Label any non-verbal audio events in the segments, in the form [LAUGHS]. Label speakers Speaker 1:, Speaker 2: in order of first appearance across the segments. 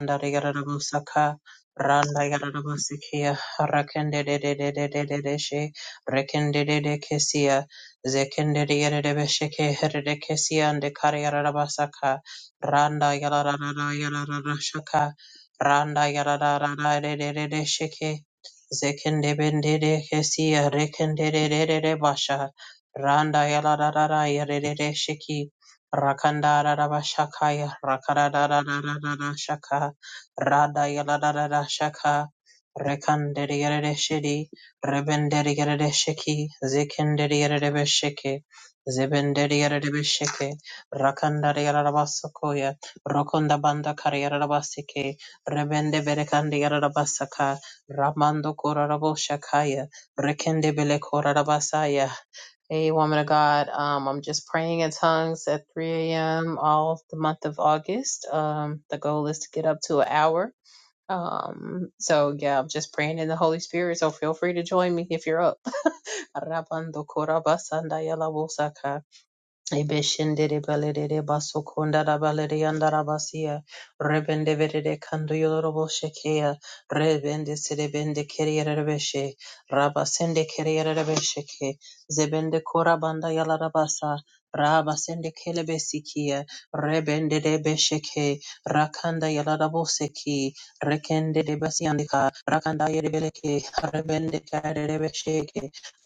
Speaker 1: Saka Randa Yarabasikia rakende de de de de de de de she Rekende de de she, Randarigarabusaka, Randagarabusikia, Rakendedededededeshe, Rekendededekesia, Zekendedegadebesheke, Heredekesia, and Dekarigarabasaka, Randa Yarararararashaka, Randa Yarada de de de de sheke zekende Yarararararasheke, de Kesia, Rekendedededebasha, Randa Yarada Yerede de Sheki rakanda Yarararararasheki, Rakandarabashakaya, Rakadararararashaka, Rada Yaladada Shaka Rekandedi Shidi Rebendedi Shiki Zikindedi Shiki Zibindedi Shiki Rakandadi Yaladabasakoya Rokunda Banda Kariyarabasiki Rebende Berekandi Yaladabasaka Ramando Korarabo Shakaya Rekende Bele Korarabasaya Hey, woman of God, um, I'm just praying in tongues at 3 a.m. all the month of August. Um, the goal is to get up to an hour. Um, so yeah, I'm just praying in the Holy Spirit. So feel free to join me if you're up. [LAUGHS] Ebeshendere balere basokonda da balere yandara basiya. Rebende verere kando yororobo shekeya. Rebende serebende keriyere rebeshe. Rabasende keriyere rebesheke. Zebende korabanda yalara basa. Rabasende kelebesikiya. Rebende rebesheke. Rakanda yalara boseki. Rekende debasiyandika. Rakanda yerebeleke. Rebende kare rebesheke.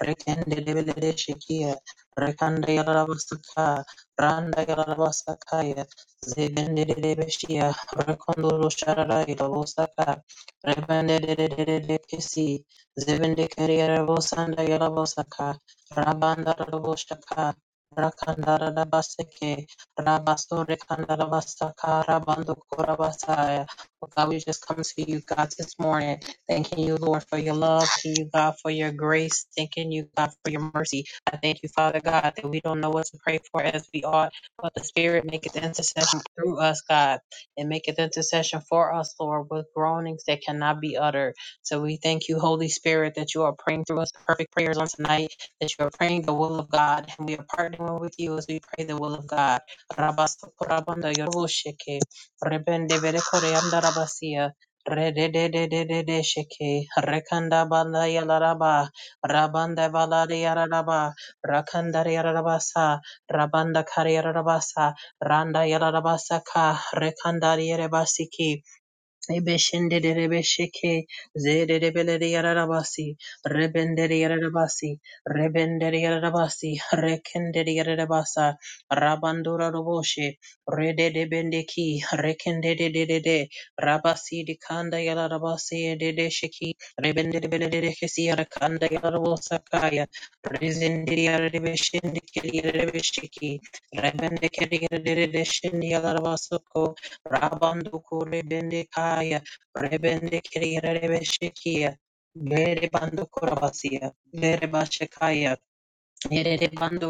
Speaker 1: Rekende debelere shekiya. Rekanda yarabasaka, randa yarabasakaya, zebendedebeshia, rekondolo sharara yarabosaka, rebendedebekesi, zebendekeri yarabosanda yarabosaka, rabanda yaraboshaka, rakanda yarabaseke, rabaso rekanda yarabasaka, rabando korabasaya. Oh God, we just come to you, God, this morning, thanking you, Lord, for your love, thanking you, God, for your grace, thanking you, God, for your mercy. I thank you, Father God, that we don't know what to pray for as we ought, but the Spirit maketh intercession through us, God, and maketh intercession for us, Lord, with groanings that cannot be uttered. So we thank you, Holy Spirit, that you are praying through us perfect prayers on tonight, that you are praying the will of God, and we are partnering with you as we pray the will of God. Rabastokorabanda yoroshike, rebendeberekoreanda rabasia, redededededeshike, rekandabanda yalaraba, rabanda valade yararaba, Rakanda Yarabasa, Rabanda Kari Yarabasa, Randa Yarabasa Ka, Rekanda Yarabasiki, Ebeshenderebesheke, zererebeleriyararabasi, rebenderiyararabasi, rebenderiyararabasi, rekenderiyararabasa, rabandoraroboshe, rededebendeki, rekendedededede, rabasi dikanda yararabasi, ededesheki, rebenderebelerehesi, yarakanda yararabosakaya, rezenderiyararabeshendekiyararabesheki, rebendekeriyararabeshendiyararabasoko, Rabando Kurebende Kaya, Rebende Kiriya Rebeshikia, Mere Bando Kurabasia, Mere Bashikaya, we thank you, God,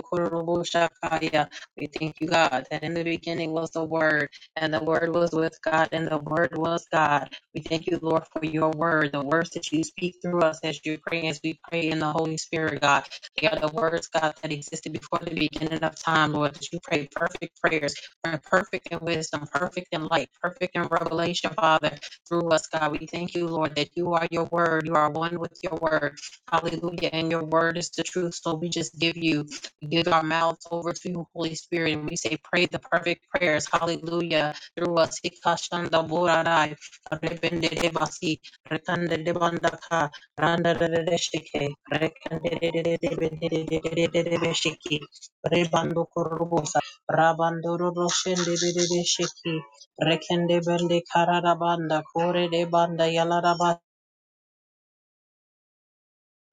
Speaker 1: that in the beginning was the Word, and the Word was with God, and the Word was God. We thank you, Lord, for your Word, the words that you speak through us as you pray, as we pray in the Holy Spirit, God. They are the words, God, that existed before the beginning of time, Lord, that you pray perfect prayers, perfect in wisdom, perfect in light, perfect in revelation, Father, through us, God. We thank you, Lord, that you are your Word. You are one with your Word. Hallelujah. And your word is the truth. So we just give you, we give our mouths over to you, Holy Spirit, and we say, pray the perfect prayers. Hallelujah. Through us. Ikashanda borarai, rebenderebasi, rekanderebandaka, randarerebeshike, rekandererererererebeshiki, rebandokorobosai,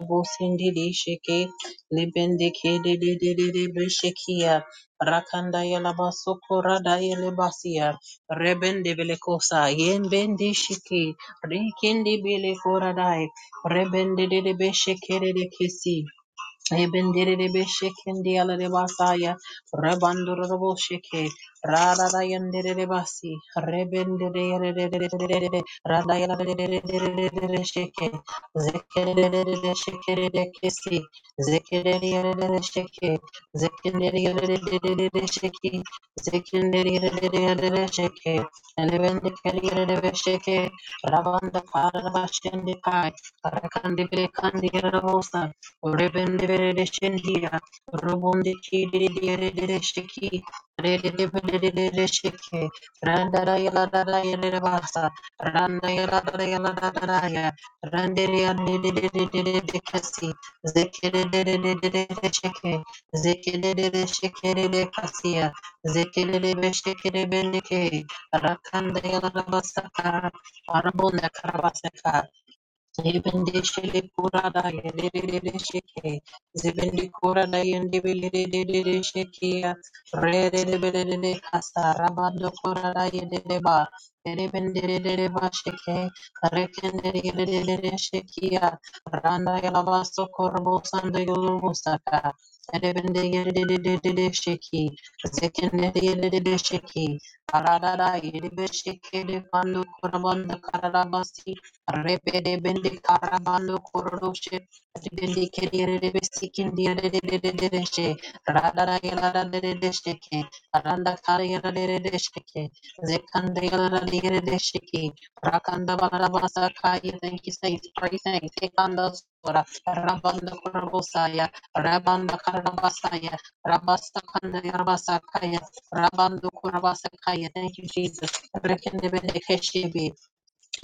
Speaker 1: Bosindidishiki, Libindiki, Didididibishikia, Rakanda Yelabasukura Dayelabasia, Rebendibilicosa, Yenbendishiki, Rikindi Bilicura Dai, Rebende de Beshikiri kisi. Ebenderebe shekende alabasaya, rabandorobo sheke, rararayanderebasi, rebenderebe, radayaderebe sheke, zekerebe shekerebe kesi, zekerebe sheke, zekerebe sheki, zekerebe sheke, elebendekerebe sheke, rabanda karabashendekai, rakandebe kandirebosa, Rebenderedeshendia, Robondiki Didieresheki, Redebedesheke, Randarayaladarayalabasa, Randayaladarayaladaya, Randeriadidididididikasi, Zekidididididididisheke, Zekididididishekedekasia, Zekididididishekedebendike, Rakandayaladabasaka, Arabondakarabasaka, Zibendishili kurada yendededede shiki. Zibendi kurada yendebelelelelele shikia. Rededebelelele kasa rabando kurada yendedeba. Yendebendededeba shiki. Karekendededelelele shikia. Randa yalabaso korbo sanda yolubusaka. Yendebende yendedededede shiki. Zekendede yendedede shiki. Arada yendebe shiki de pando kurabanda karabasi. Repede bende karabando korodoshe. Bende kerere debe sikindi yere dede dede deshe. Radara yala dede desheke. Aranda kare yala dede desheke. Zekanda yala dede desheke. Rakanda bala basa kaya. Thank you, saints. Pray, saints. Ekanda sora. Rabanda korobosaya. Rabanda karabasaya. Rabasta kanda yarabasa kaya. Rabando korabasa kaya. Thank you, Jesus. Rekende bende keshe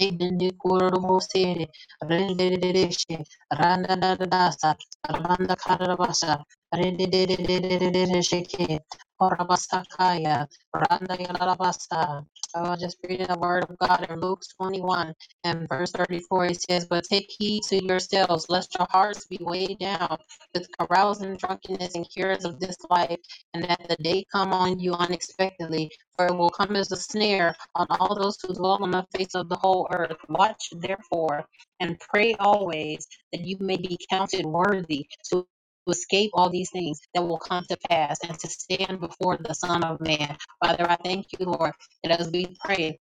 Speaker 1: Idende kororo mosere, renderererese, randadadasa, randakarabasa, rendererererereke, orabasakaya, randayalarabasa. I will just read the word of God in Luke 21 and verse 34. It says, But take heed to yourselves, lest your hearts be weighed down with carousing, drunkenness, and cares of this life, and that the day come on you unexpectedly for it will come as a snare on all those who dwell on the face of the whole earth. Watch therefore and pray always that you may be counted worthy to escape all these things that will come to pass and to stand before the Son of Man. Father, I thank you, Lord, that as we pray,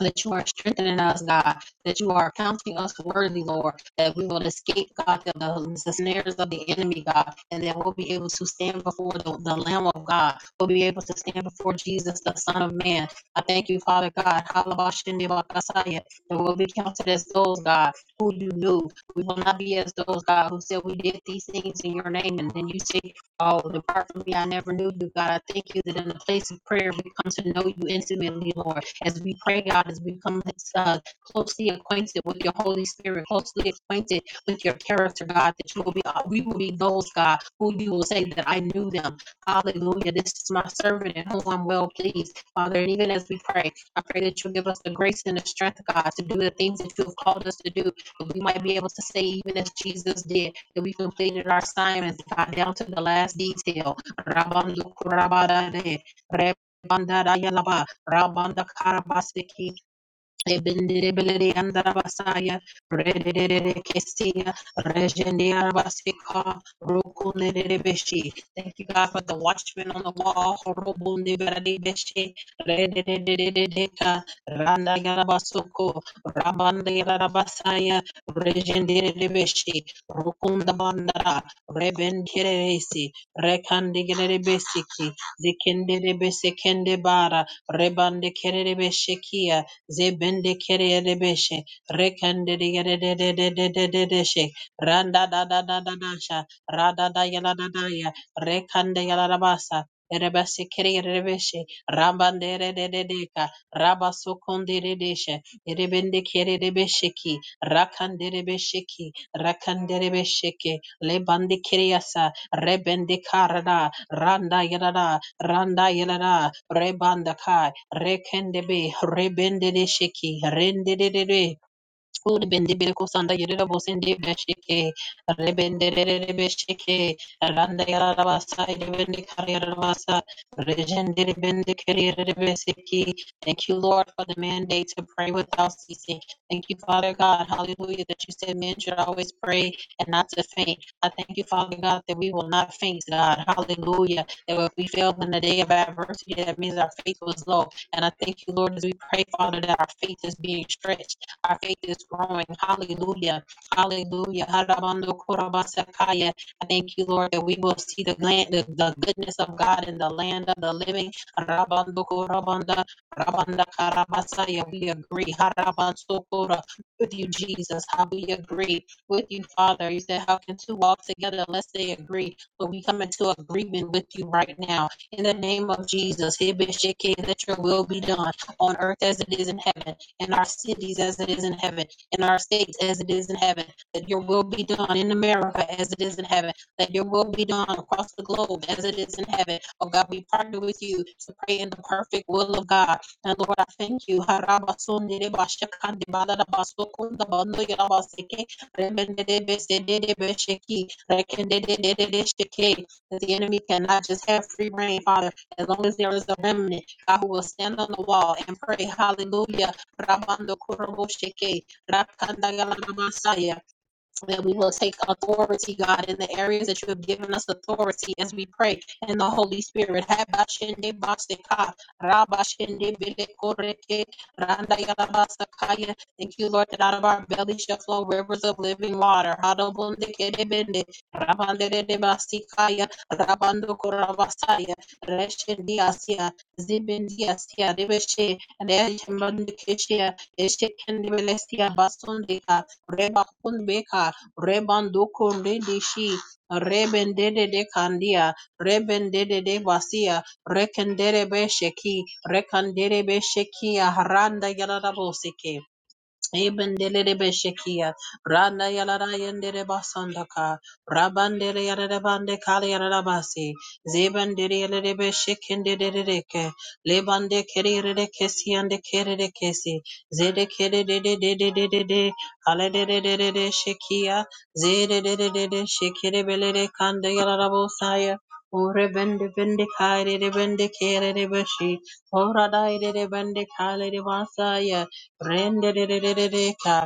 Speaker 1: that you are strengthening us, God, that you are counting us worthy, Lord, that we will escape, God, the, the, snares of the enemy, God, and that we'll be able to stand before the, the Lamb of God will be able to stand before Jesus, the Son of Man. I thank you, Father God. Halabashendebakasaya, That we'll be counted as those, God, who you knew. We will not be as those, God, who said we did these things in your name. And then you say, Oh, depart from me, I never knew you, God. I thank you that in the place of prayer, we come to know you intimately, Lord. As we pray, God, as we come uh, closely acquainted with your Holy Spirit, closely acquainted with your character, God, that you will be, we will be those, God, who you will say that I knew them Hallelujah. This is my servant in whom I'm well pleased. Father, and even as we pray, I pray that you'll give us the grace and the strength, God, to do the things that you have called us to do. That we might be able to say, even as Jesus did, that we completed our assignments, God, down to the last detail. Rabandukurabadade, rebandadayalaba, rabandakarabaseke, Ebendebelede yandarabasaya, redededede kesia, rejendiarabasika, rokunededebeshi. Thank you, God, for the watchman on the wall. horobundebededebeshi, redededededeka, randayarabasoko, rabandayarabasaya, rejendededebeshi, rokundabandara, rebenderesi, rekandegeredebesiki, zikendedebesekendebara, rebandekeredebeshikia, zebende kere debeshe rekende de de de de de de de de she randa da da da da da sha rada da yala da da ya rekande yala da basa erebese kere debeshe rambande re de de de ka raba sokonde de de she erebende kere debeshe ki rakande debeshe ki rakande debeshe ke lebande kere yasa rebende karada randa yadada randa yadada rebanda kai rekende be rebende de shiki rende de de Uri bende bere kusanda yerera bose ndi beshike rebende rere beshike randa yarara basa rebende kariyara basa regende rebende kariyara besiki. Thank you, Lord, for the mandate to pray without ceasing. Thank you, Father God, Hallelujah, that you said men should always pray and not to faint. I thank you, Father God, that we will not faint, God, Hallelujah. That if we fail in the day of adversity, that means our faith was low. And I thank you, Lord, as we pray, Father, that our faith is being stretched. Our faith is growing. Hallelujah. Hallelujah. I thank you, Lord, that we will see the land, the, the goodness of God in the land of the living. We agree. With you, Jesus. How we agree with you, Father. You said, How can two walk together unless they agree? But we come into agreement with you right now. In the name of Jesus. Hebe sheke, Let your will be done on earth as it is in heaven in our cities as it is in heaven, in our states as it is in heaven, that your will be done in America as it is in heaven, that your will be done across the globe as it is in heaven. Oh God, we partner with you to pray in the perfect will of God. And Lord, I thank you. That the enemy cannot just have free reign, Father, as long as there is a remnant, God, who will stand on the wall and pray, hallelujah, Rabando Koroboshike, Rakanda Yalamasaya, that we will take authority, God, in the areas that you have given us authority as we pray in the Holy Spirit. Habashende baseka, rabashende belekoreke, randa Thank you, Lord, that out of our belly shall flow rivers of living water. Hadobonde kerebende, rabandere basikaya, rabando korabasaya, reshendi asia, zibendi asia, rebeshe, reshemande Rebanduku ndidishi. Rebendedede kandia. Rebendede de basia. Rekenderebe sheki. Rekanderebe shekia. Haranda yaradaboseke. Ebendelele beshekia. Randa yalara yendere basandaka. Rabandele yarere bande kale yarara basi. Zebendere yarere beshekenderereke. Lebande kererere kesi ande kerere kesi. Zede kere de de de de de de de. Kale de de de shekia. Zede de de de de shekere belere kande yarara bosaya. Ore bende bende kare de bende kere de beshi. Ora dai de de bende kale de basaya. Rendererereka,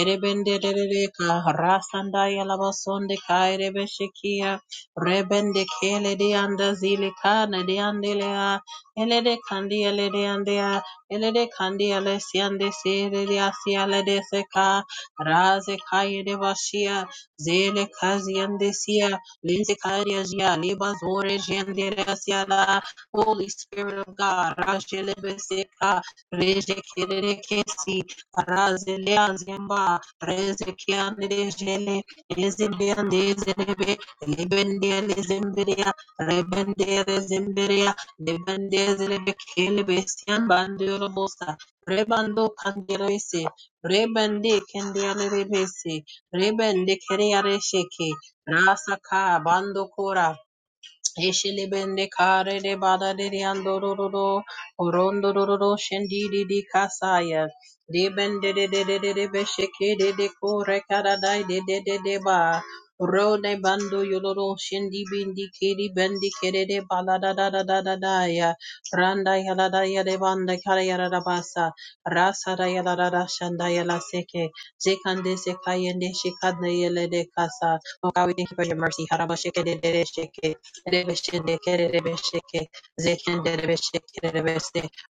Speaker 1: erebenderereka, rasandaya labasonde kairebeshikia, rebende kele dianda zilika na diandelea, elede kandi elede andea, elede kandi lesiande sirelia siale deseka, raze kaide bashia, zele kaziande sia, linse kaidia zia, liba zore jenderea siala, Holy Spirit of God, rajelebeseka, Rejekerekesi razeliazemba rezekiandelejele ezebiandezerebe lebendelezeberia rebenderezemberia lebendezelebekilebesian bandorobosa rebando kangerese rebende kendialerebese rebende keriaresheke rasaka bando kora Ishilibende kare de bada de de andororo, orondororo shendi di di kasaya. De bende de de de de de besheke de de kore karadai de de de de ba. Ro de bando yoloro shendi bindi kiri bendi kere de bala da da da da da da ya. Randa ya la da ya de banda kara ya la da basa. Rasa da ya la da da shanda ya la seke. Zekande sekayende shikadne yele de kasa. Oh God, we thank you for your mercy. Harabasheke de de de sheke. Rebeshende kerebesheke,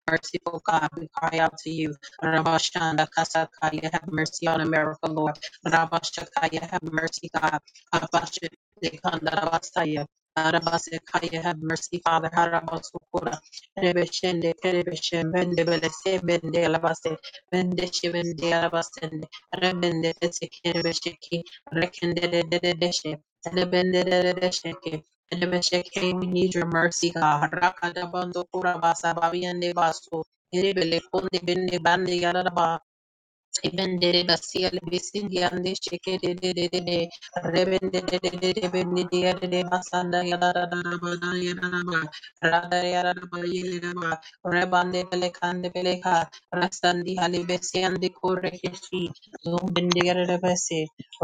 Speaker 1: Merciful God, we cry out to you. Rabashanda kasakaya, have mercy on America, Lord. Rabashakaya, have mercy, God. Abashende kanda rabasaya. Arabasekaya, have mercy, Father. Harabasukura. Rebeshende kerebeshe, mende belese, mende alabase, mende shivende alabasende. Rebende tese rekende dededeshe, elebende dededesheke. Enemesheke, we need your mercy, God. Rakadabando kurabasa babiende baso. Erebele konde bende bande Ebendere basia le besindi ande sheke de de de de de rebende de de de de bende de de de basanda ya da da da da ba da ya da ba rada ya da da ba ye le da ba rebande bele kande bele ka rastandi hali besi ande kore keshi zombende ya de de besi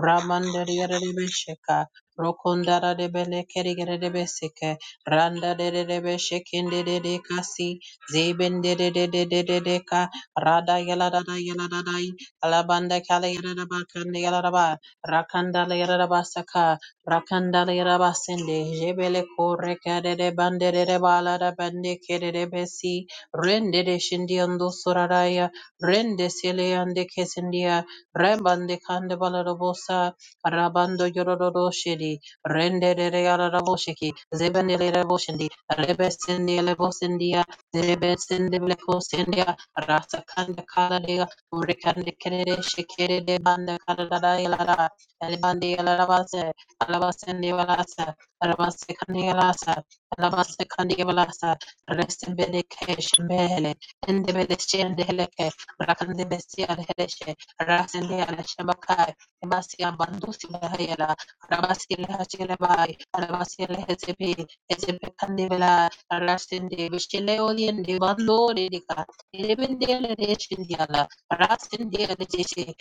Speaker 1: ramanda ya de de besheka rokonda da de bele kere ya de besike randa de de de beshekende de de kasi zebende de de de de de de ka Rada yala dada yala da da Alabanda Kalayaraba Kandayaraba Rakandalayaraba Saka Rakandalayaraba Sende Jebele Koreka de Bandere Bala da Bande Kede de Besi Rende de Shindiando Suraraya Rende Seleande Kesendia Rembande Kandabala Robosa Rabando Yororo Shedi Rende de Rearabosheki Zebandele Raboshindi Rebesendia Lebosendia Rebesende Blecosendia Rasa Kanda Kala Urikande kerere şekere de bande karara yalara. Elbande yalara base. Alabasende yalasa. Alabase kandi yalasa. Alabase kandi yalasa. Resin bede keşin behele. Ende bede şende heleke. Rakande besi alheleşe. Rasende yaleşe bakay. Ebasi abandusi bahayala. Alabasi lehacele bay. Alabasi lehezebi. Ezebi kandi bela. Rasende bişkele olyende bandore dika. Elebende yaleşe yala. Rasindia Rishi,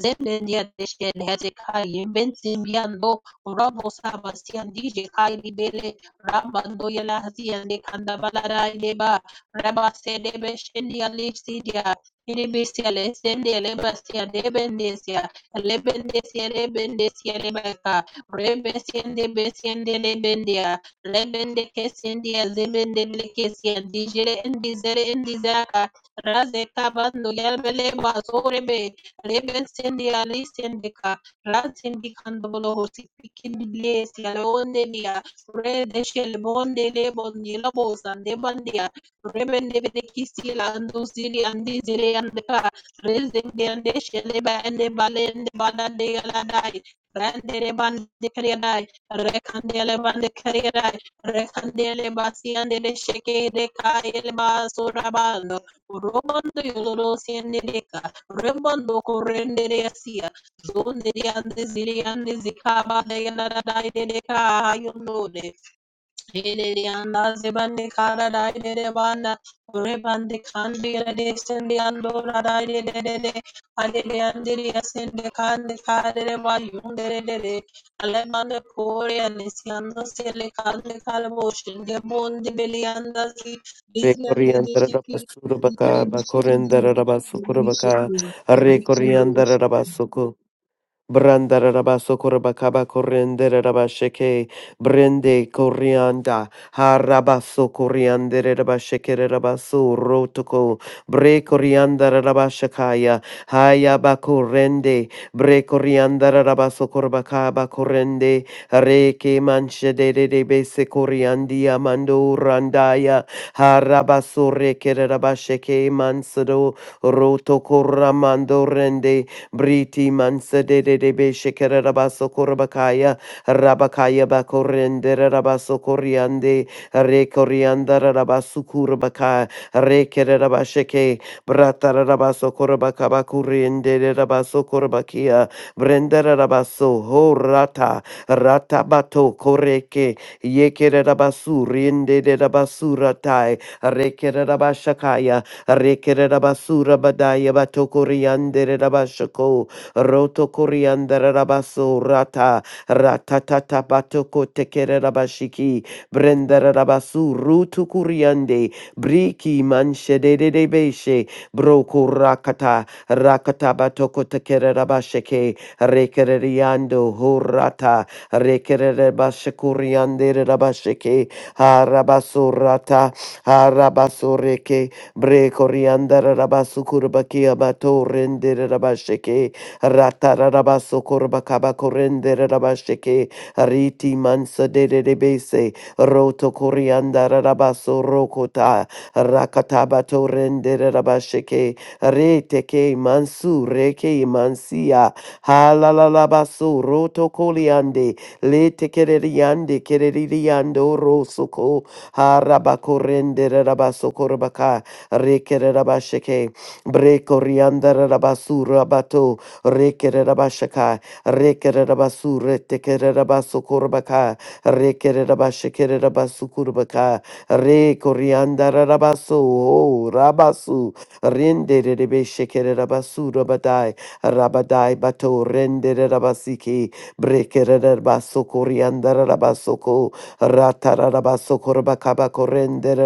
Speaker 1: Zendia Rishi, Hezekiah, Bensimbiando, Robo Sabastian DJ Kaili Bele, Rabando Yelazi and the Kandabalara Leba, Rabba Sedebe Shendia Lipsidia, Inibisia Lesendia Lebastia Debendesia, Lebendesia Lebendesia Lebeka, Rebesiende Besiende Lebendia, Lebende Kesendia Zebende Lekesia, Digere and Dizere and Dizaka, Razeka banduya beleba zorebe rebe sendi ali sendika razindi kandobolo hosi pikindi blesi alonde dia rede shel bonde le bondi la bosande bandia rebe nebe de kisi la andu zili andi zili andika rezende ande sheleba ende balende balande aladai Randere bande kariyadai, rekandele bande kariyadai, rekandele basi andele sheke de kaile basurabando, Robondo yoloro siendereka, rembondo korendere asia, zonde yande ziri yande zikaba de yanada de deka yonode, Hilirianda zebande kara dai de de banda rebande kandi de sende ando radai de de de de ade de ande de sende kande kare the ba yunde de de de the mande the ande siando sele kande kare boshin de bonde belianda si bizlande de
Speaker 2: Recorriandara
Speaker 1: şeki
Speaker 2: rabasuru baka,
Speaker 1: dikki bir şekilde mi?
Speaker 2: bakorendara
Speaker 1: Böyle
Speaker 2: rabasukuru
Speaker 1: bir
Speaker 2: baka,
Speaker 1: şekilde. Böyle bir
Speaker 2: recorriandara
Speaker 1: şekilde.
Speaker 2: rabasuku. Brandaraba sokorabakaba korenderaba sheke brende korianda harabaso sokorianderaba shekeraba so rotoko bre koriandaraba shakaya hayaba korende bre koriandaraba sokorabakaba korende reke manche de de de bese koriandia mando randaya harabaso sorekeraba sheke mansado rotoko ramando rende Briti mansa de de de be shekere rabaso korabakaya. Rabakaya bakorende rabaso koriande. Re korianda rabasu kurabaka. Re kere rabasheke. Brata rabaso korabaka bakuriende rabaso korabakia. Brenda rabaso ho rata. Rata bato koreke. Yekere rabasu riende rabasu ratai. Re kere rabashakaya. Rekere rabasura badaya batokoriandere rabashoko. Roto koriandere rabaso rata. Ratatata batoko tekere rabashiki. Brendere rabasu rutu kuriande. Briki manshedede de de beshe. Broko rakata. Rakata batoko tekere rabasheke. Rekere riando horata. Rekere rabashekoriandere rabasheke. Harabasurata. Harabasureke. Bre coriandara rabasu kurbakia bato rendere rabasheke. Ratara rabasu kurbakaba korendere rabasheke. Riti mansa de de bese. Roto coriandara rabasu rokota. Rakatabato rendere rabasheke. Reteke mansu reke mansia. Halalalabasu roto coliande. Lete kereriande kereriando rosoko. Harabakorendere rabaso rekere rabasheke, breko riandara rabasura bato, rekere rabashaka, rekere rabasure tekere rabasokorbaka, rekere rabashekere rabasukurbaka, reko riandara rabaso, oh, rabasu, rendere rebeshekere rabasura badai, rabadai bato, rendere rabasiki, brekere rabasokoriandara rabasoko riandara rabasoko, ratarabasoko rabakabako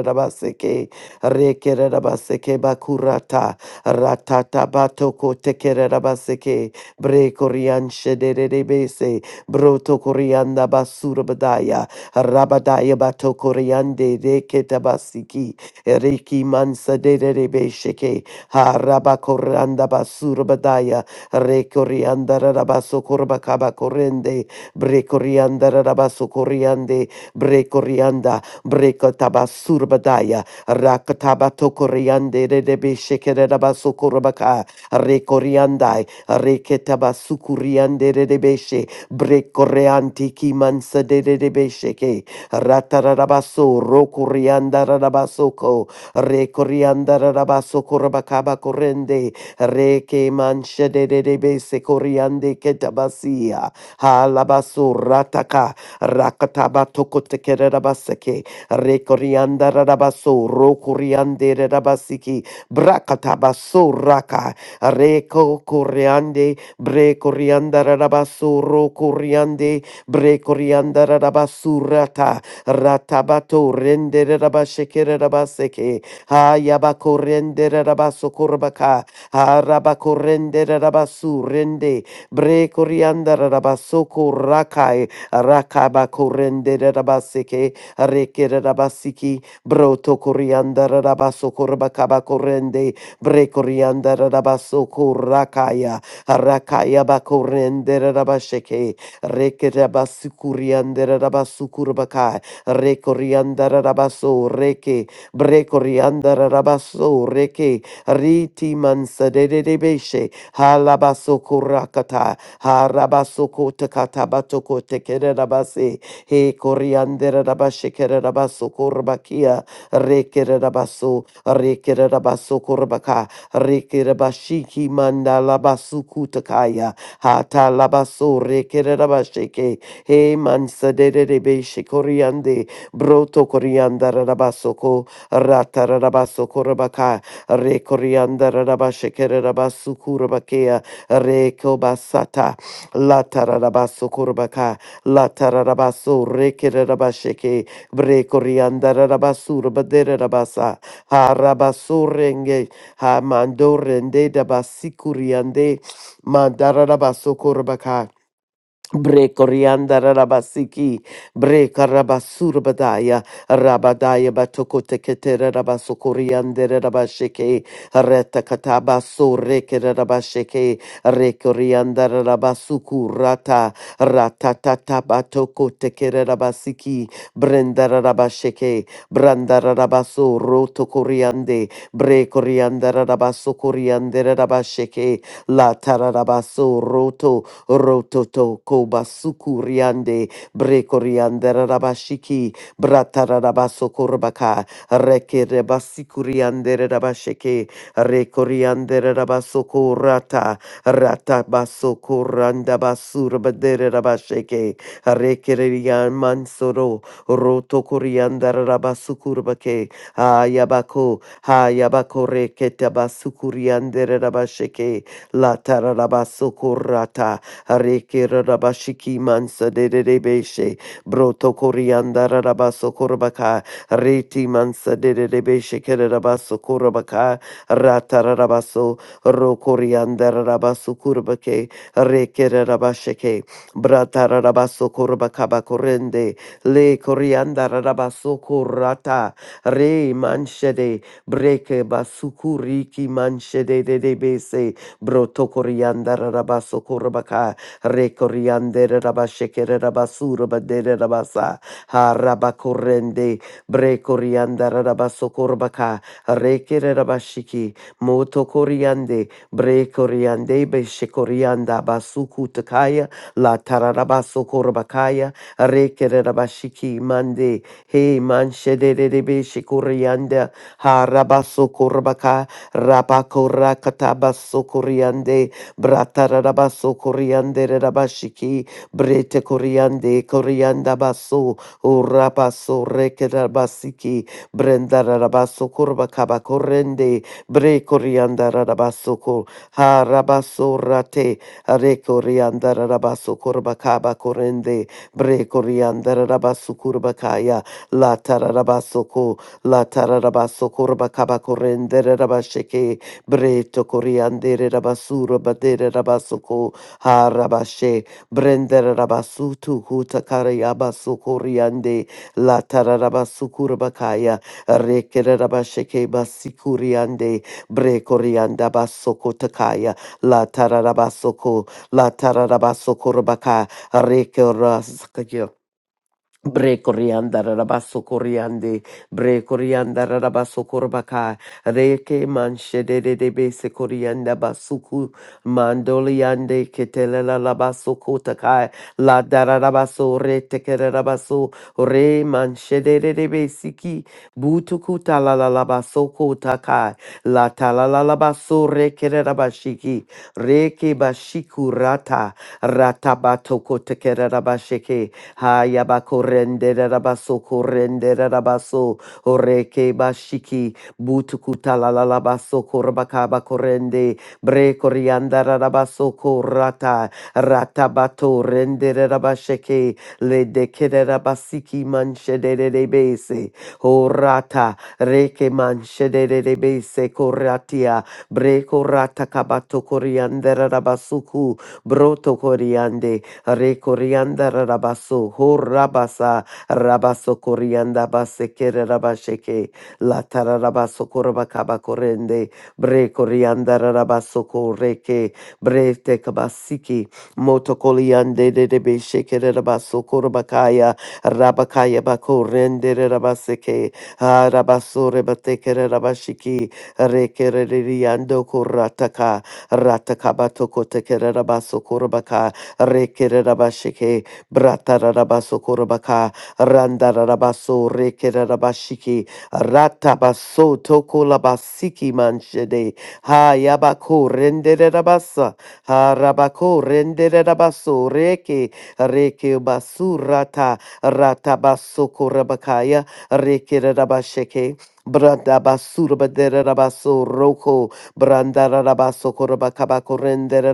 Speaker 2: rabaseke, Rekerabaseke bakurata. Ratata batoko tekerabaseke. Bre korian shederebese. Broto korianda basurabadaya. Rabadaya bato koriande reketabasiki. Reki mansa dederebesheke. Harabakoranda basurabadaya. Rekorianda rabaso korbakaba korende. Bre korianda rabaso koriande. Bre korianda. Rakataba tokoriande rebe shekereba sokorabaka. Rekoriandai. Reketaba sukuriande rebe she. Brekoreanti kimansa de rebe sheke. Ratarabaso rokorianda rabasoko. Rekorianda rabasokorabakaba korende. Reke manche de rebe sekoriande ketabasia. Halabaso rataka. Rakataba tokotekerabaseke. Rekorianda Rabaso, Rokoriande Rabasiki, Brakatabaso Raka, Reko Koreande, Brekorianda Rabaso, Rokoriande, Brekorianda Rabasurata, Ratabato, Rende Rabashekere Rabaseke, Hayabako Rende Rabaso Korbaka, Harabako Rende Rabasu Rende, Brekorianda Rabasoko Rakai, Rakabako Rende Rabaseke, Rekere rabasiki broto corianda rabaso corbacaba corrende brecorianda rabaso corracaya rakaya bacorrende rabasheke rekere rabasicurianda rabasucurbacai recorianda rabaso reke bre brecorianda rabaso reke riti mansadede de beshe halabaso corracata harabaso cotacatabatoco tekere rabase he coriander rabashekere rabaso korbakia rekere rabaso rekere rabaso korbaka rekere bashiki manda labasu kutakaya hata labaso rekere rabasheke he mansa de rebeshe coriande broto coriander rabasoko rata rabaso korbaka re coriander rabashekere rabasu kurbakea reko basata la tararabaso La tararabaso rekerabasheke. Brekoriandarabasur baderabasa. Harabaso renge. Hamando rende dabasi kuriande. Mandarabaso korbaka. Brekorianda rabasiki, breka rabasurbadaya, rabadaya batokote ketere rabasokoriande rabasheke, reta kataba so reke rabasheke, rekorianda rabasuku rata, ratatata batokote kere rabasiki, brenda rabasheke, branda rabaso roto koriande, brekorianda rabasokoriande rabasheke, la tararabaso roto rototo kobasuku riande brekoriandera rabashiki bratarabaso korbaka rekerebasikuriandere rabasheke rekoriandere rabasoko rata ratabaso koranda basurbadere rabasheke rekerian mansoro roto koriandere rabasukurbake hayabako hayabako rekete basukuriandere rabasheke la tararabasoko Areke Rabashiki Mansa de de de Debeshe, Broto Corianda Rabaso Korabaka, Reti Mansa de de de Debeshe Kerabaso Korabaka, Rata Rabaso, Rokorianda Rabaso Kurabake, Reke Rabasheke, Brata Rabaso Korabakaba Korende, Le Corianda Rabaso Korata, Re Manshede, Breke Basukuriki Manshede de de beše. Broto Corianda Rabaso Korabaka, Rekoriandere rabashekere rabasuro badere rabasa. Harabakorende. Brekoriandara rabasokorbaka. Rekere rabashiki. moto Motokoriande. Brekoriande beshekorianda basukutakaya. La tararabasokorbakaya. Rekere rabashiki mande. He manshedere beshekorianda. Harabasokorbaka. Rabakorakatabaso. Sokoriande Bratarabaso Coriande Rabashiki, Brete Coriande, Corianda Baso, Urabaso Rekerabasiki, Brenda Rabaso Curva Cabacorende, Bre Corianda Rabaso Cor, Harabaso Rate, Are Corianda Rabaso Curva Cabacorende, Bre Corianda Rabaso Curva Kaya, La Tararabaso Co, La Tararabaso Curva Cabacorende Rabasheke, Breto coriandere rabasura badere rabasoko harabashe brendere rabasutu huta karayabasu coriande la tararabasukura bakaya rekere rabasheke basikuriande bre corianda basoko takaya la tararabasoko la tararabasoko rabaka reke raskaya. Bre corianda rabaso coriande, bre corianda rabaso corbacai, reke manche de de de base corianda basuku, mandoliande ketelela labaso kotakai, la darabaso re tekerabaso, re manche de de de besiki, butukuta la la labaso kotakai, la tala la labaso re kerabashiki, reke bashiku rata, ratabato kotekerabasheke, Hayabakorende rabaso korende rabaso oreke bashiki butukuta la la la baso korbakaba korende bre korianda rabaso korata ratabato rende rabasheke le dekere rabasiki manshedere rebese orata reke manshedere rebese koratia bre korata kabato korianda rabasuku broto koriande Rekorianda Rabaso, Ho Rabasa, Rabaso Corianda Basekere Rabasheke, Latara Rabaso Corabacaba Corende, Bre Corianda Rabaso Coreke, Bre Tecabasiki, Motocoliande de de Beshekere Rabaso Corabacaya, Rabakaya Bacorende Rabaseke, ha Rabaso Rebatekere Rabashiki, Rekere Riando Corataka, Ratakabatoko Tekere Rabaso corabacaya. Rekerabashike, Bratarabaso Korabaka, Randarabaso, Rekerabashiki, Ratabaso Tokolabasiki Manshede, Hayabako Renderabasa, Harabako Renderabaso, Reke, Reke Basurata, Ratabaso Korabakaya, Rekerabasheke. Branda basura badera rabaso roko branda rabaso korabakabako rendera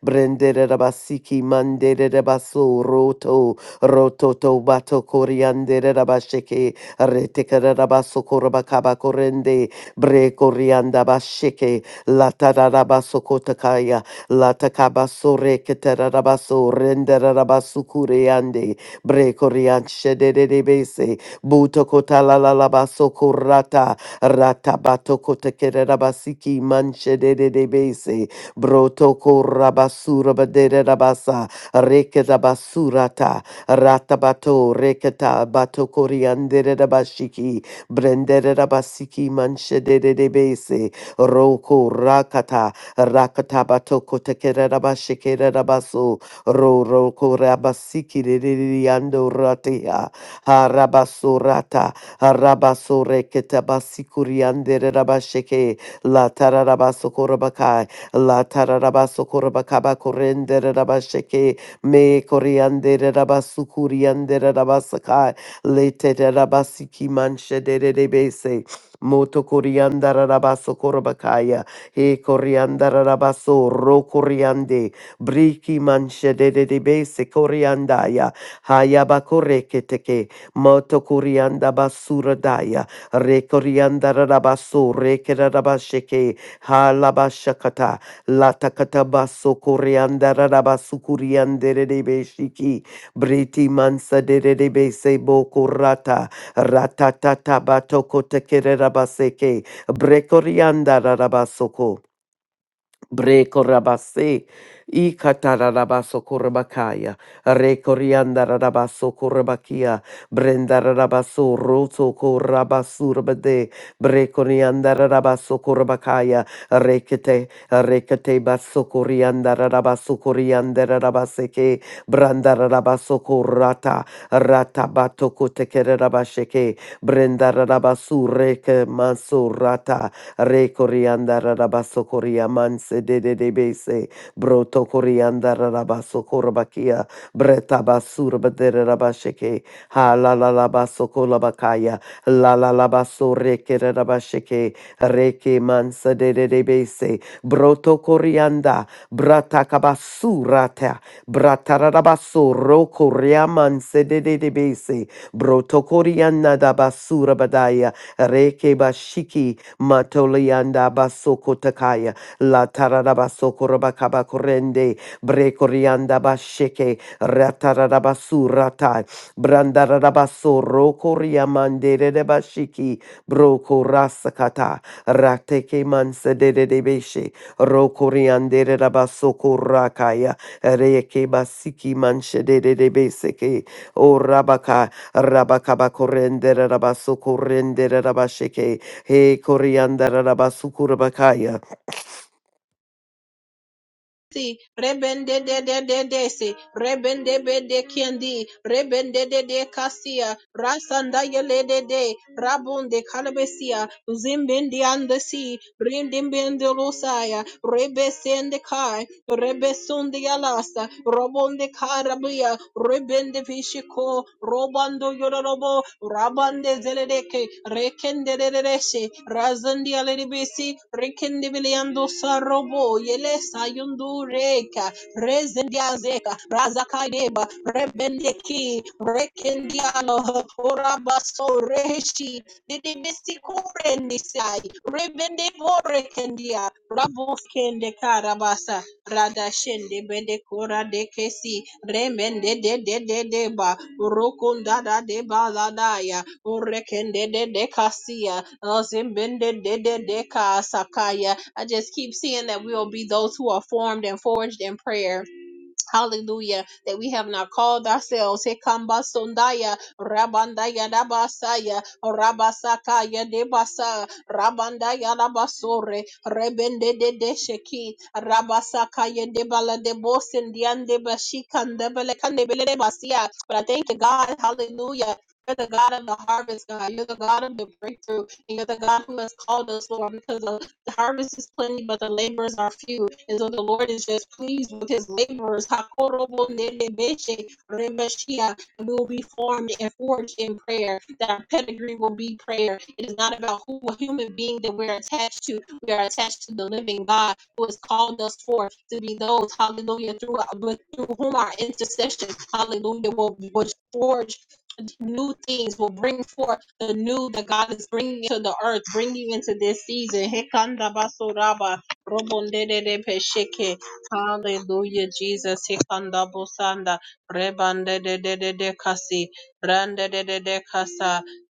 Speaker 2: Brendere Rabasiki Mandere Rabaso Roto roto to Bato Coriandere Rabasheke Retekere Rabaso Korabakaba Korende Bre Corianda Basheke Latara Rabaso Kotakaya Latakabaso Reketera Rabaso Rendere Rabasu Kuriande Bre corianche de de Bese Buto Kotala Labaso Korata rata Ratabato Kotekere Rabasiki manche de de Bese Brotoko rabasura badere rabasa. Reketa basurata. Ratabato reketa batokoriandere rabashiki. Brendere rabasiki manshedere debese. Roko rakata. Rakata batoko tekere rabashikere rabaso. Ro roko rabasiki riando ratia, Harabasurata. Harabaso reketa basikuriandere rabasheke. La tararabaso korabakai. La tararabaso korabakaba korendere rabasheke me koriandere rabasukuriandere rabasaka le terabasiki manshedere rebese. Moto coriandara rabaso korabakaya, he coriandara rabaso ro coriande, briki manche de koriandaya de base hayaba koreketeke, moto corianda basura daya, re coriandara rabaso, re kerabasheke, halabashakata, Latakataba sokorianda raraba sukuriande rebe shiki. Briti mansa de rebe sebo kurata. Ratatata batoko tekere rabaseke. Brekorianda rarabasoko. Breko rabase, i katarabaso korabakaya, rekorianda rabaso korabakia, brenda rabaso roto korabasurabade, brekorianda rabaso korabakaya, rekete, rekete baso korianda rabaso korianda rabaseke, branda rabaso korata, rata bato kotekere rabasheke, brenda rabasu reke maso Re coriandara rabaso coriamanse de de de bese. Broto coriandara rabaso corbakia. Breta basur badere rabasheke. Ha la la la baso colabacaya. La la la baso reke rabasheke. Reke mansa de de de bese. Broto corianda. Brata cabasurata. Bratarabaso roko riaman sedede de de bese. Brotokoriana da basura badaya. Reke bashiki Matolianda basoko takaya. La tarara basoko rabakaba korende. Brekorianda basheke. Ratarara basu ratai. Brandarara baso roko riamandere de bashiki. Broko rasakata. Rateke manse de de beshe. Roko riandere rakaya. Reke basiki manche de de de beseke. O rabaka. Rabakaba korende rabasoko rende rabasheke. He coriandara rabasukura bakaya.
Speaker 1: si rebende de de de de si rebende be de kendi rebende de de kasia rasanda yele de de rabunde kalabesia zimbindi ande si rindimbindi lusaya rebesende kai rebesundi yalasa robonde karabia rebende vishiko robando yororobo rabande zeleleke rekende rereshe razandi alebisi rekende biliando sarobo yelesa yundu reka rezendiazeka razakadeba rebendeki rekendialo orabaso reheshi didibisi kurenisai Rebende borekendia, rabofkende karabasa, radashende bende kora de kesi, remende de de de de ba, da de ba urekende de de kasia, zimbende de de de kasakaya. I just keep seeing that we will be those who are formed and forged in prayer Hallelujah. That we have not called ourselves Hekamba Sondaya Rabandaya Dabasaya Rabasakaya Debasa Rabandaya Dabasore Rebende de Desheki Rabasakaya Debala de Bosendian de Bashikan Debele Kandebele de But I thank you, God, hallelujah. You're the God of the harvest, God. You're the God of the breakthrough. And you're the God who has called us, Lord, because the the harvest is plenty, but the laborers are few. And so the Lord is just pleased with his laborers. Hakorobo nenebeshe remeshia. And we will be formed and forged in prayer. That our pedigree will be prayer. It is not about who a human being that we're attached to. We are attached to the living God who has called us forth to be those, hallelujah, through, through whom our intercession, hallelujah, will, will forge new things will bring forth the new that God is bringing to the earth, bringing into this season. Hekanda basoraba. Robondedede pesheke. Hallelujah, Jesus. Hikanda busanda. Rebandedede kasi. Brandedede kasa.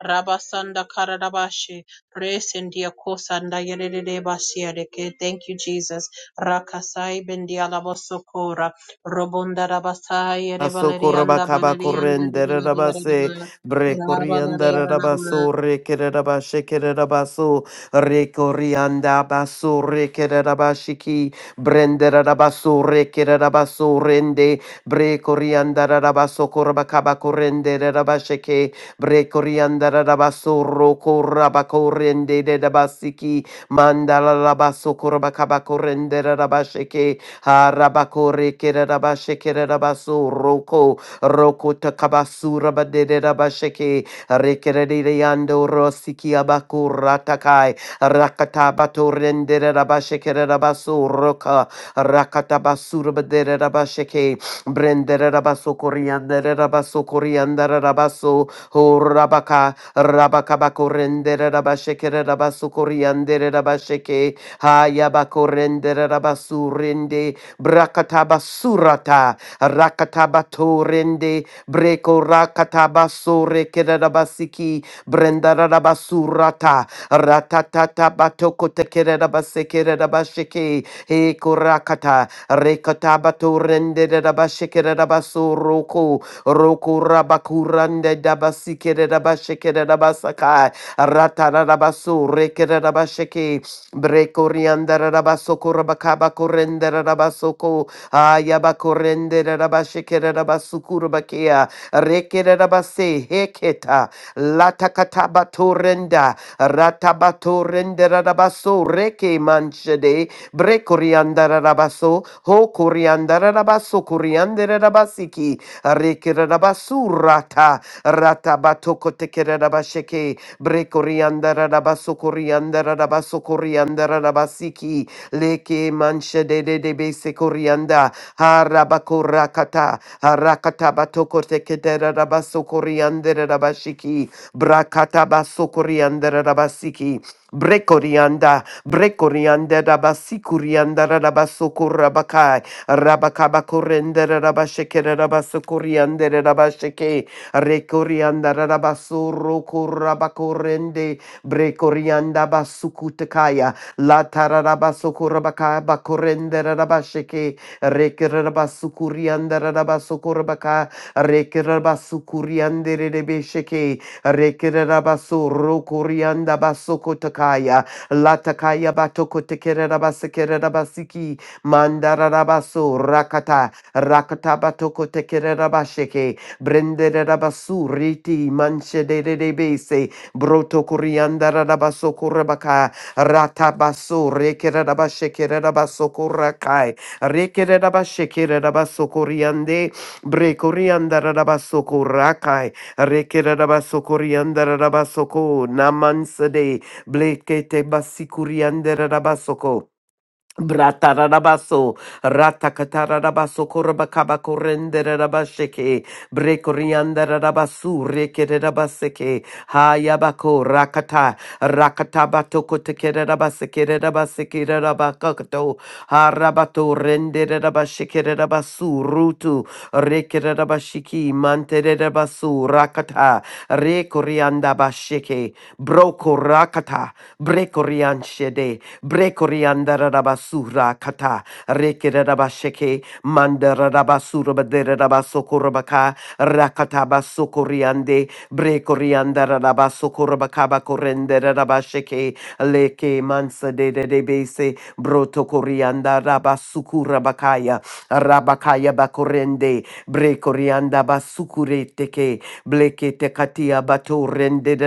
Speaker 1: Rabasanda karadabashi. Resendia kosanda yedede basiadeke. Thank you, Jesus. Rakasai bendiala bosokora. Robonda rabasai yede
Speaker 2: Asokora
Speaker 1: balerianda
Speaker 2: bakaba
Speaker 1: balerianda de
Speaker 2: korendere rabase.
Speaker 1: balerianda.
Speaker 2: Bre coriandara
Speaker 1: Rabalerianda.
Speaker 2: rabaso rekere rabashekere rabaso. Re corianda baso rekere rabashiki. Brendere rabaso rekere rabaso rende. Bre coriandara rabaso korbakaba korendere rabasheke. Bre coriandara rabaso roko rabakorende de rabasiki. Mandala rabaso korbakaba korendere rabasheke. Harabakore kerabashekere rabaso roko roko takabasura badere rabasheke rekerere yando rosiki abaku takai rakatabato rendere rabashekere rabaso roka rakatabasura badere rabasheke brendere rabaso koriandere rabaso koriandere rabaso ho rabaka rabakabako rendere rabashekere rabaso koriandere rabasheke Hayabakorendere rabasu rende brakataba surata rakataba torende breko rakataba sore kerabasiki brendaraba surata ratatata batoko tekeraba sekeraba sheke he korakata rekataba torende raba shekeraba soroko roku rabakurande daba sikeraba shekeraba sakai rataraba sore keraba sheke Brekorianda rabasoko rabakaba korenda rabasoko ayaba korende rabashekera rabasukuru bakia rekera rabase heketa latakataba torenda ratabato rendera rabaso reke manchede brekorianda rabaso ho korianda rabaso korianda rabasiki rekera rabasurata ratabato kotekera rabasheke Bre coriandara da basso coriandara da basso coriandara da basiki. Leke manche de de de base corianda. Harabakorakata. Harakata batoko tekedera da basso coriandara da bashiki. Brakata basso coriandara da basiki. Bre corianda. Bre corianda da bassi coriandara da basso corabakai. Rabakaba correndera da bashekera da basso coriandara da basheke. Rekorianda Rabasuro Korabakorende Brekorianda Basukutakaya La Tararabasokorabaka Bakorende Rabasheke Rekerabasukurianda Rabasokorabaka Rekerabasukuriande Rebesheke Rekerabasuro Korianda Basokotakaya La Takaya Batokotekerabasiki Mandararabaso Rakata Rakata Batoko Tekerabasheke brendere rabasu riti manche de de de bese broto kurianda rabaso kurabaka rata baso rekere rabashe kere rabaso kurakai rekere rabashe kere rabaso kuriande bre kurianda rabaso kurakai rekere rabaso kurianda rabaso ko namanse de blekete basikurianda rabaso Bratarabaso, ratakatarabaso, korabakaba korenderabasheke, brekoriandarabasu, rekerabaseke, hayabako, rakata, rakatabato kotekerabaseke, rabaseke, rabakato, harabato, renderabasheke, rabasu, rutu, rekerabashiki, manterabasu, rakata, rekoriandabasheke, broko rakata, brekorianshede, Brekoriandarabasura kata rekere rabasheke mandara rekerabasheke mandarabasurabaderabasokoroba rakataba sokoriande brekoriandarabasokoroba korenderabasheke leke mansa de de de bese brotokoriandarabasukurabakaya rabakaya bakorende brekoriandabasukureteke bleke tekatia batorende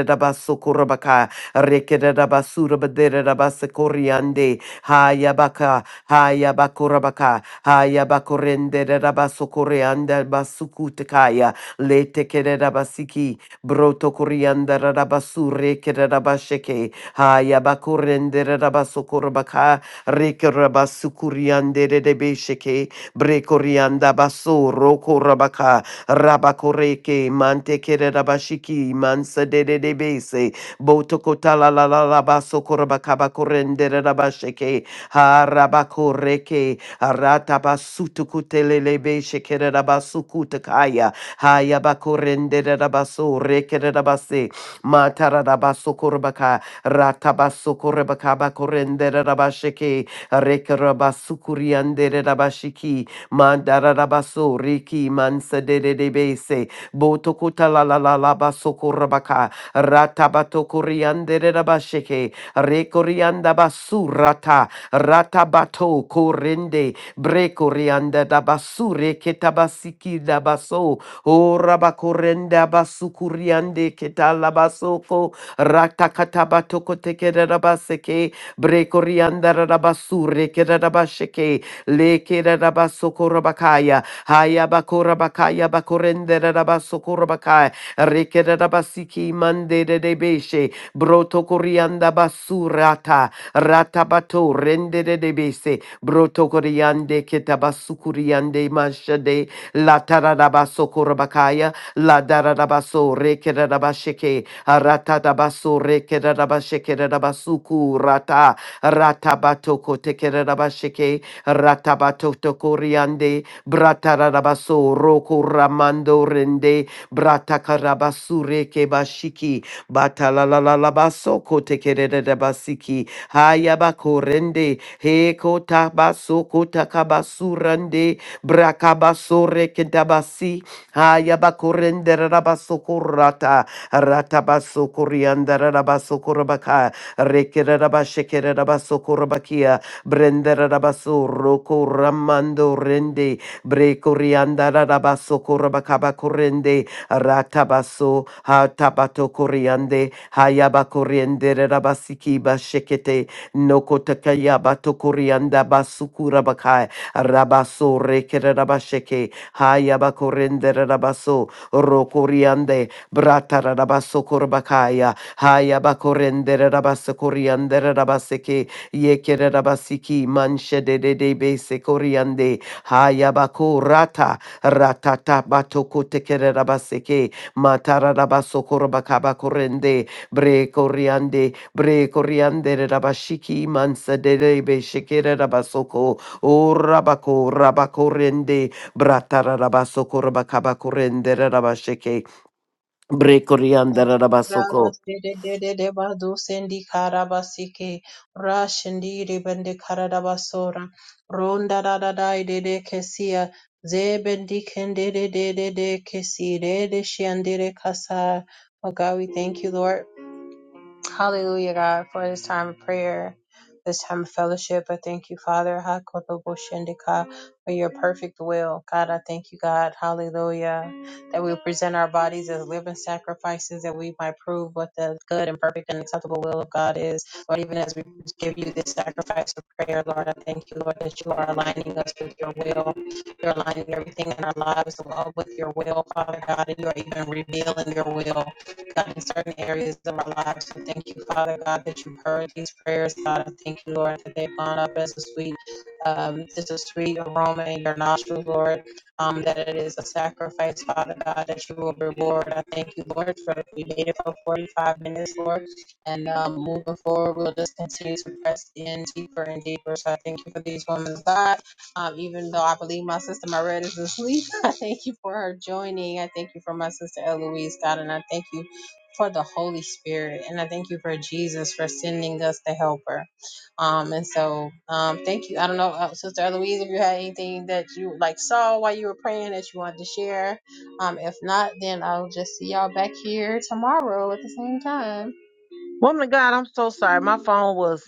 Speaker 2: Rekerabasura Baderabasa Coriande, Hayabaka, Hayabakorabaka, Hayabakorende Rabaso Corianda Basukutakaya, Lete Kerabasiki, Broto Corianda Rabasure Kerabasheke, Hayabakorende Rabaso Corabaka, Rekerabasukuriande Debesheke, Brekorianda Baso, Roko Rabaka, Rabakoreke, Mante Kerabashiki, Mansa de Debese, Botokotala la la la basokorabakabakorendere rabasheke. Harabakoreke. Aratabasutukutelelebe shekere rabasukutakaya. Hayabakorendere rabasorekere rabase. Matarabasokorabaka. Ratabasokorabakabakorendere rabasheke. Rekerabasukuriandere rabashiki. Mandararabaso riki mansa de de de bese. Botokota la la la la basokorabaka. Ratabato Kuriandere Rabasheke, Rekorianda Basurata, Ratabato Korende, Brekorianda Dabasure Ketabasiki Dabaso, O Rabakorenda Basukuriande Ketalabasoko, Ratakatabato Kotekere Rabaseke, Brekorianda Rabasure Kerabasheke, Lekere Rabasoko Rabakaya, Hayabakora Bakaya Bakorende Rabasoko Rabakaya, Rikerabasiki mande de debeshe. Broto corianda basurata. Ratabato rende de debese. Broto coriande ketabasukuriande manshade. La tararabaso korabakaya. La dararabaso rekerabasheke. Ratatabaso rekerabashekerabasuku rata. Ratabato kotekerabasheke. Ratabato tokoriande. Bratarabaso roko ramando rende. Bratakarabasure kebashiki. Batalalabaso kotekerere basiki. Hayabakorende. Hekota baso kotakabasurande. Brakabasore kentabasi. Hayabakorende rabasokorata. Ratabasokorianda rabasokorabaka. Rekerabashekere rabasokorabakia. Brendera rabasoro koramando rende. Brekorianda rabasokorabakabakorende ratabaso ha tabato koriande hayaba koriande rabasiki bashekete noko takayaba to korianda basukura bakai rabaso rekere rabasheke hayaba koriande rabaso rokoriande brata rabaso korbakaya hayaba koriande rabaso koriande rabaseke yekere rabasiki manche de de de base koriande hayaba korata Ratata batoko tekere rabaseke. Matara rabasokoro bakaba korende. Bre koriande. Bre koriande rabashiki mansa derebe shekere rabasoko. O rabako rabakorende. Bratara rabasokoro bakaba korende rabasheke. Bre koriande rabasoko.
Speaker 1: Rabasdededede Oh God, we thank you, Lord. Hallelujah, God, for this time of prayer, this time of fellowship. I thank you, Father, Hakodoboshendika, for your perfect will. God, I thank you, God. Hallelujah. That we present our bodies as living sacrifices, that we might prove what the good and perfect and acceptable will of God is. Lord, even as we give you this sacrifice of prayer, Lord, I thank you, Lord, that you are aligning us with your will. You're aligning everything in our lives Lord, with your will, Father God, and you are even revealing your will. God, in certain areas of our lives. We thank you, Father God, that you've heard these prayers, God. And thank you, Lord, that they've gone up as a sweet, um, just a sweet aroma in your nostrils, Lord. Um, that it is a sacrifice, Father God, that you will reward. I thank you, Lord, for we made it for 45 minutes, Lord. And um, moving forward, we'll just continue to press in deeper and deeper. So I thank you for these women's God. Um, even though I believe my sister Marette is asleep, [LAUGHS] I thank you for her joining. I thank you for my sister Eloise, God, and I thank you for the Holy Spirit. And I thank you for Jesus for sending us the helper. Um, and so um, thank you. I don't know, uh, Sister Eloise, if you had anything that you like saw while you were praying that you wanted to share. Um, if not, then I'll just see y'all back here tomorrow at the same time.
Speaker 3: Woman of God, I'm so sorry. My phone was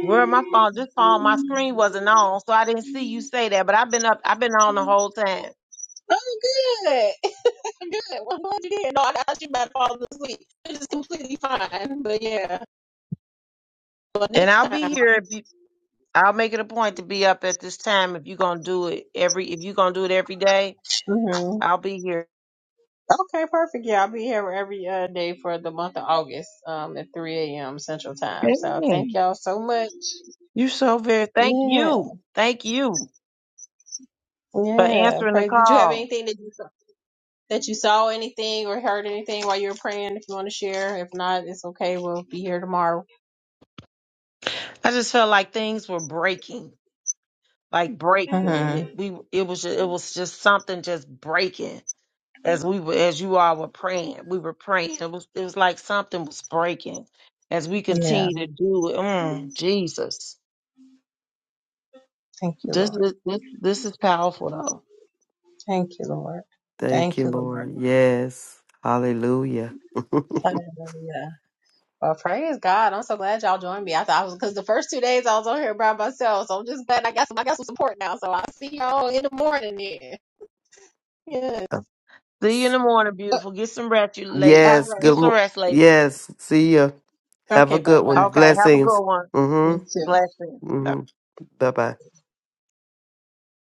Speaker 3: where my phone this phone, my screen wasn't on, so I didn't see you say that. But I've been up I've been on the whole time.
Speaker 1: Oh, good. [LAUGHS] good. Well, I'm glad you did. No, I thought you about to fall asleep. It is completely fine. But yeah, but
Speaker 3: And
Speaker 1: next
Speaker 3: I'll
Speaker 1: time.
Speaker 3: be here if you I'll make it a point to be up at this time if you're gonna do it every if you're gonna do it every day,
Speaker 1: Mhm.
Speaker 3: I'll be here.
Speaker 1: Okay, perfect. Yeah, I'll be here every uh, day for the month of August um, at 3 a.m. Central Time. So thank
Speaker 3: Amen.
Speaker 1: y'all so much.
Speaker 3: You're so very thank
Speaker 1: Yeah,
Speaker 3: you. Thank you for
Speaker 1: yeah.
Speaker 3: answering the
Speaker 1: Pray. Did you have
Speaker 3: call.
Speaker 1: anything that you saw, that you saw anything or heard anything while you were praying? If you want to share, if not, it's okay. We'll be here tomorrow.
Speaker 3: I just felt like things were breaking. Like breaking and
Speaker 1: hmm
Speaker 3: it we it was just, it was just something just breaking as we were as you all were praying we were praying it was it was like something was breaking as we
Speaker 1: Yeah.
Speaker 3: continue to do it mm, jesus
Speaker 1: Thank you,
Speaker 3: this
Speaker 1: Lord.
Speaker 3: is this this is powerful though
Speaker 1: Thank you, Lord. Thank
Speaker 2: Thank you,
Speaker 1: you, Lord.
Speaker 2: Lord. Yes. Hallelujah.
Speaker 1: Hallelujah. Well, praise God. I'm so glad y'all joined me. I thought I was because the first two days I was on here by myself. So I'm just glad I got some I got some support now. So I'll see y'all in the morning then. Yes.
Speaker 3: see you in
Speaker 2: [LAUGHS]
Speaker 3: the morning
Speaker 1: Uh,
Speaker 3: beautiful get some rest you lady
Speaker 1: All
Speaker 2: Yes.
Speaker 1: right.
Speaker 3: get
Speaker 2: Good.
Speaker 3: some
Speaker 2: mo-
Speaker 3: rest lady
Speaker 2: Yes. See ya. Have
Speaker 1: Okay,
Speaker 2: a
Speaker 1: bye
Speaker 2: good one.
Speaker 1: bye.
Speaker 3: okay have a
Speaker 2: Blessings.
Speaker 3: good one
Speaker 1: You
Speaker 2: Mm-hmm.
Speaker 1: too.
Speaker 3: blessing
Speaker 2: Mm-hmm. Bye bye.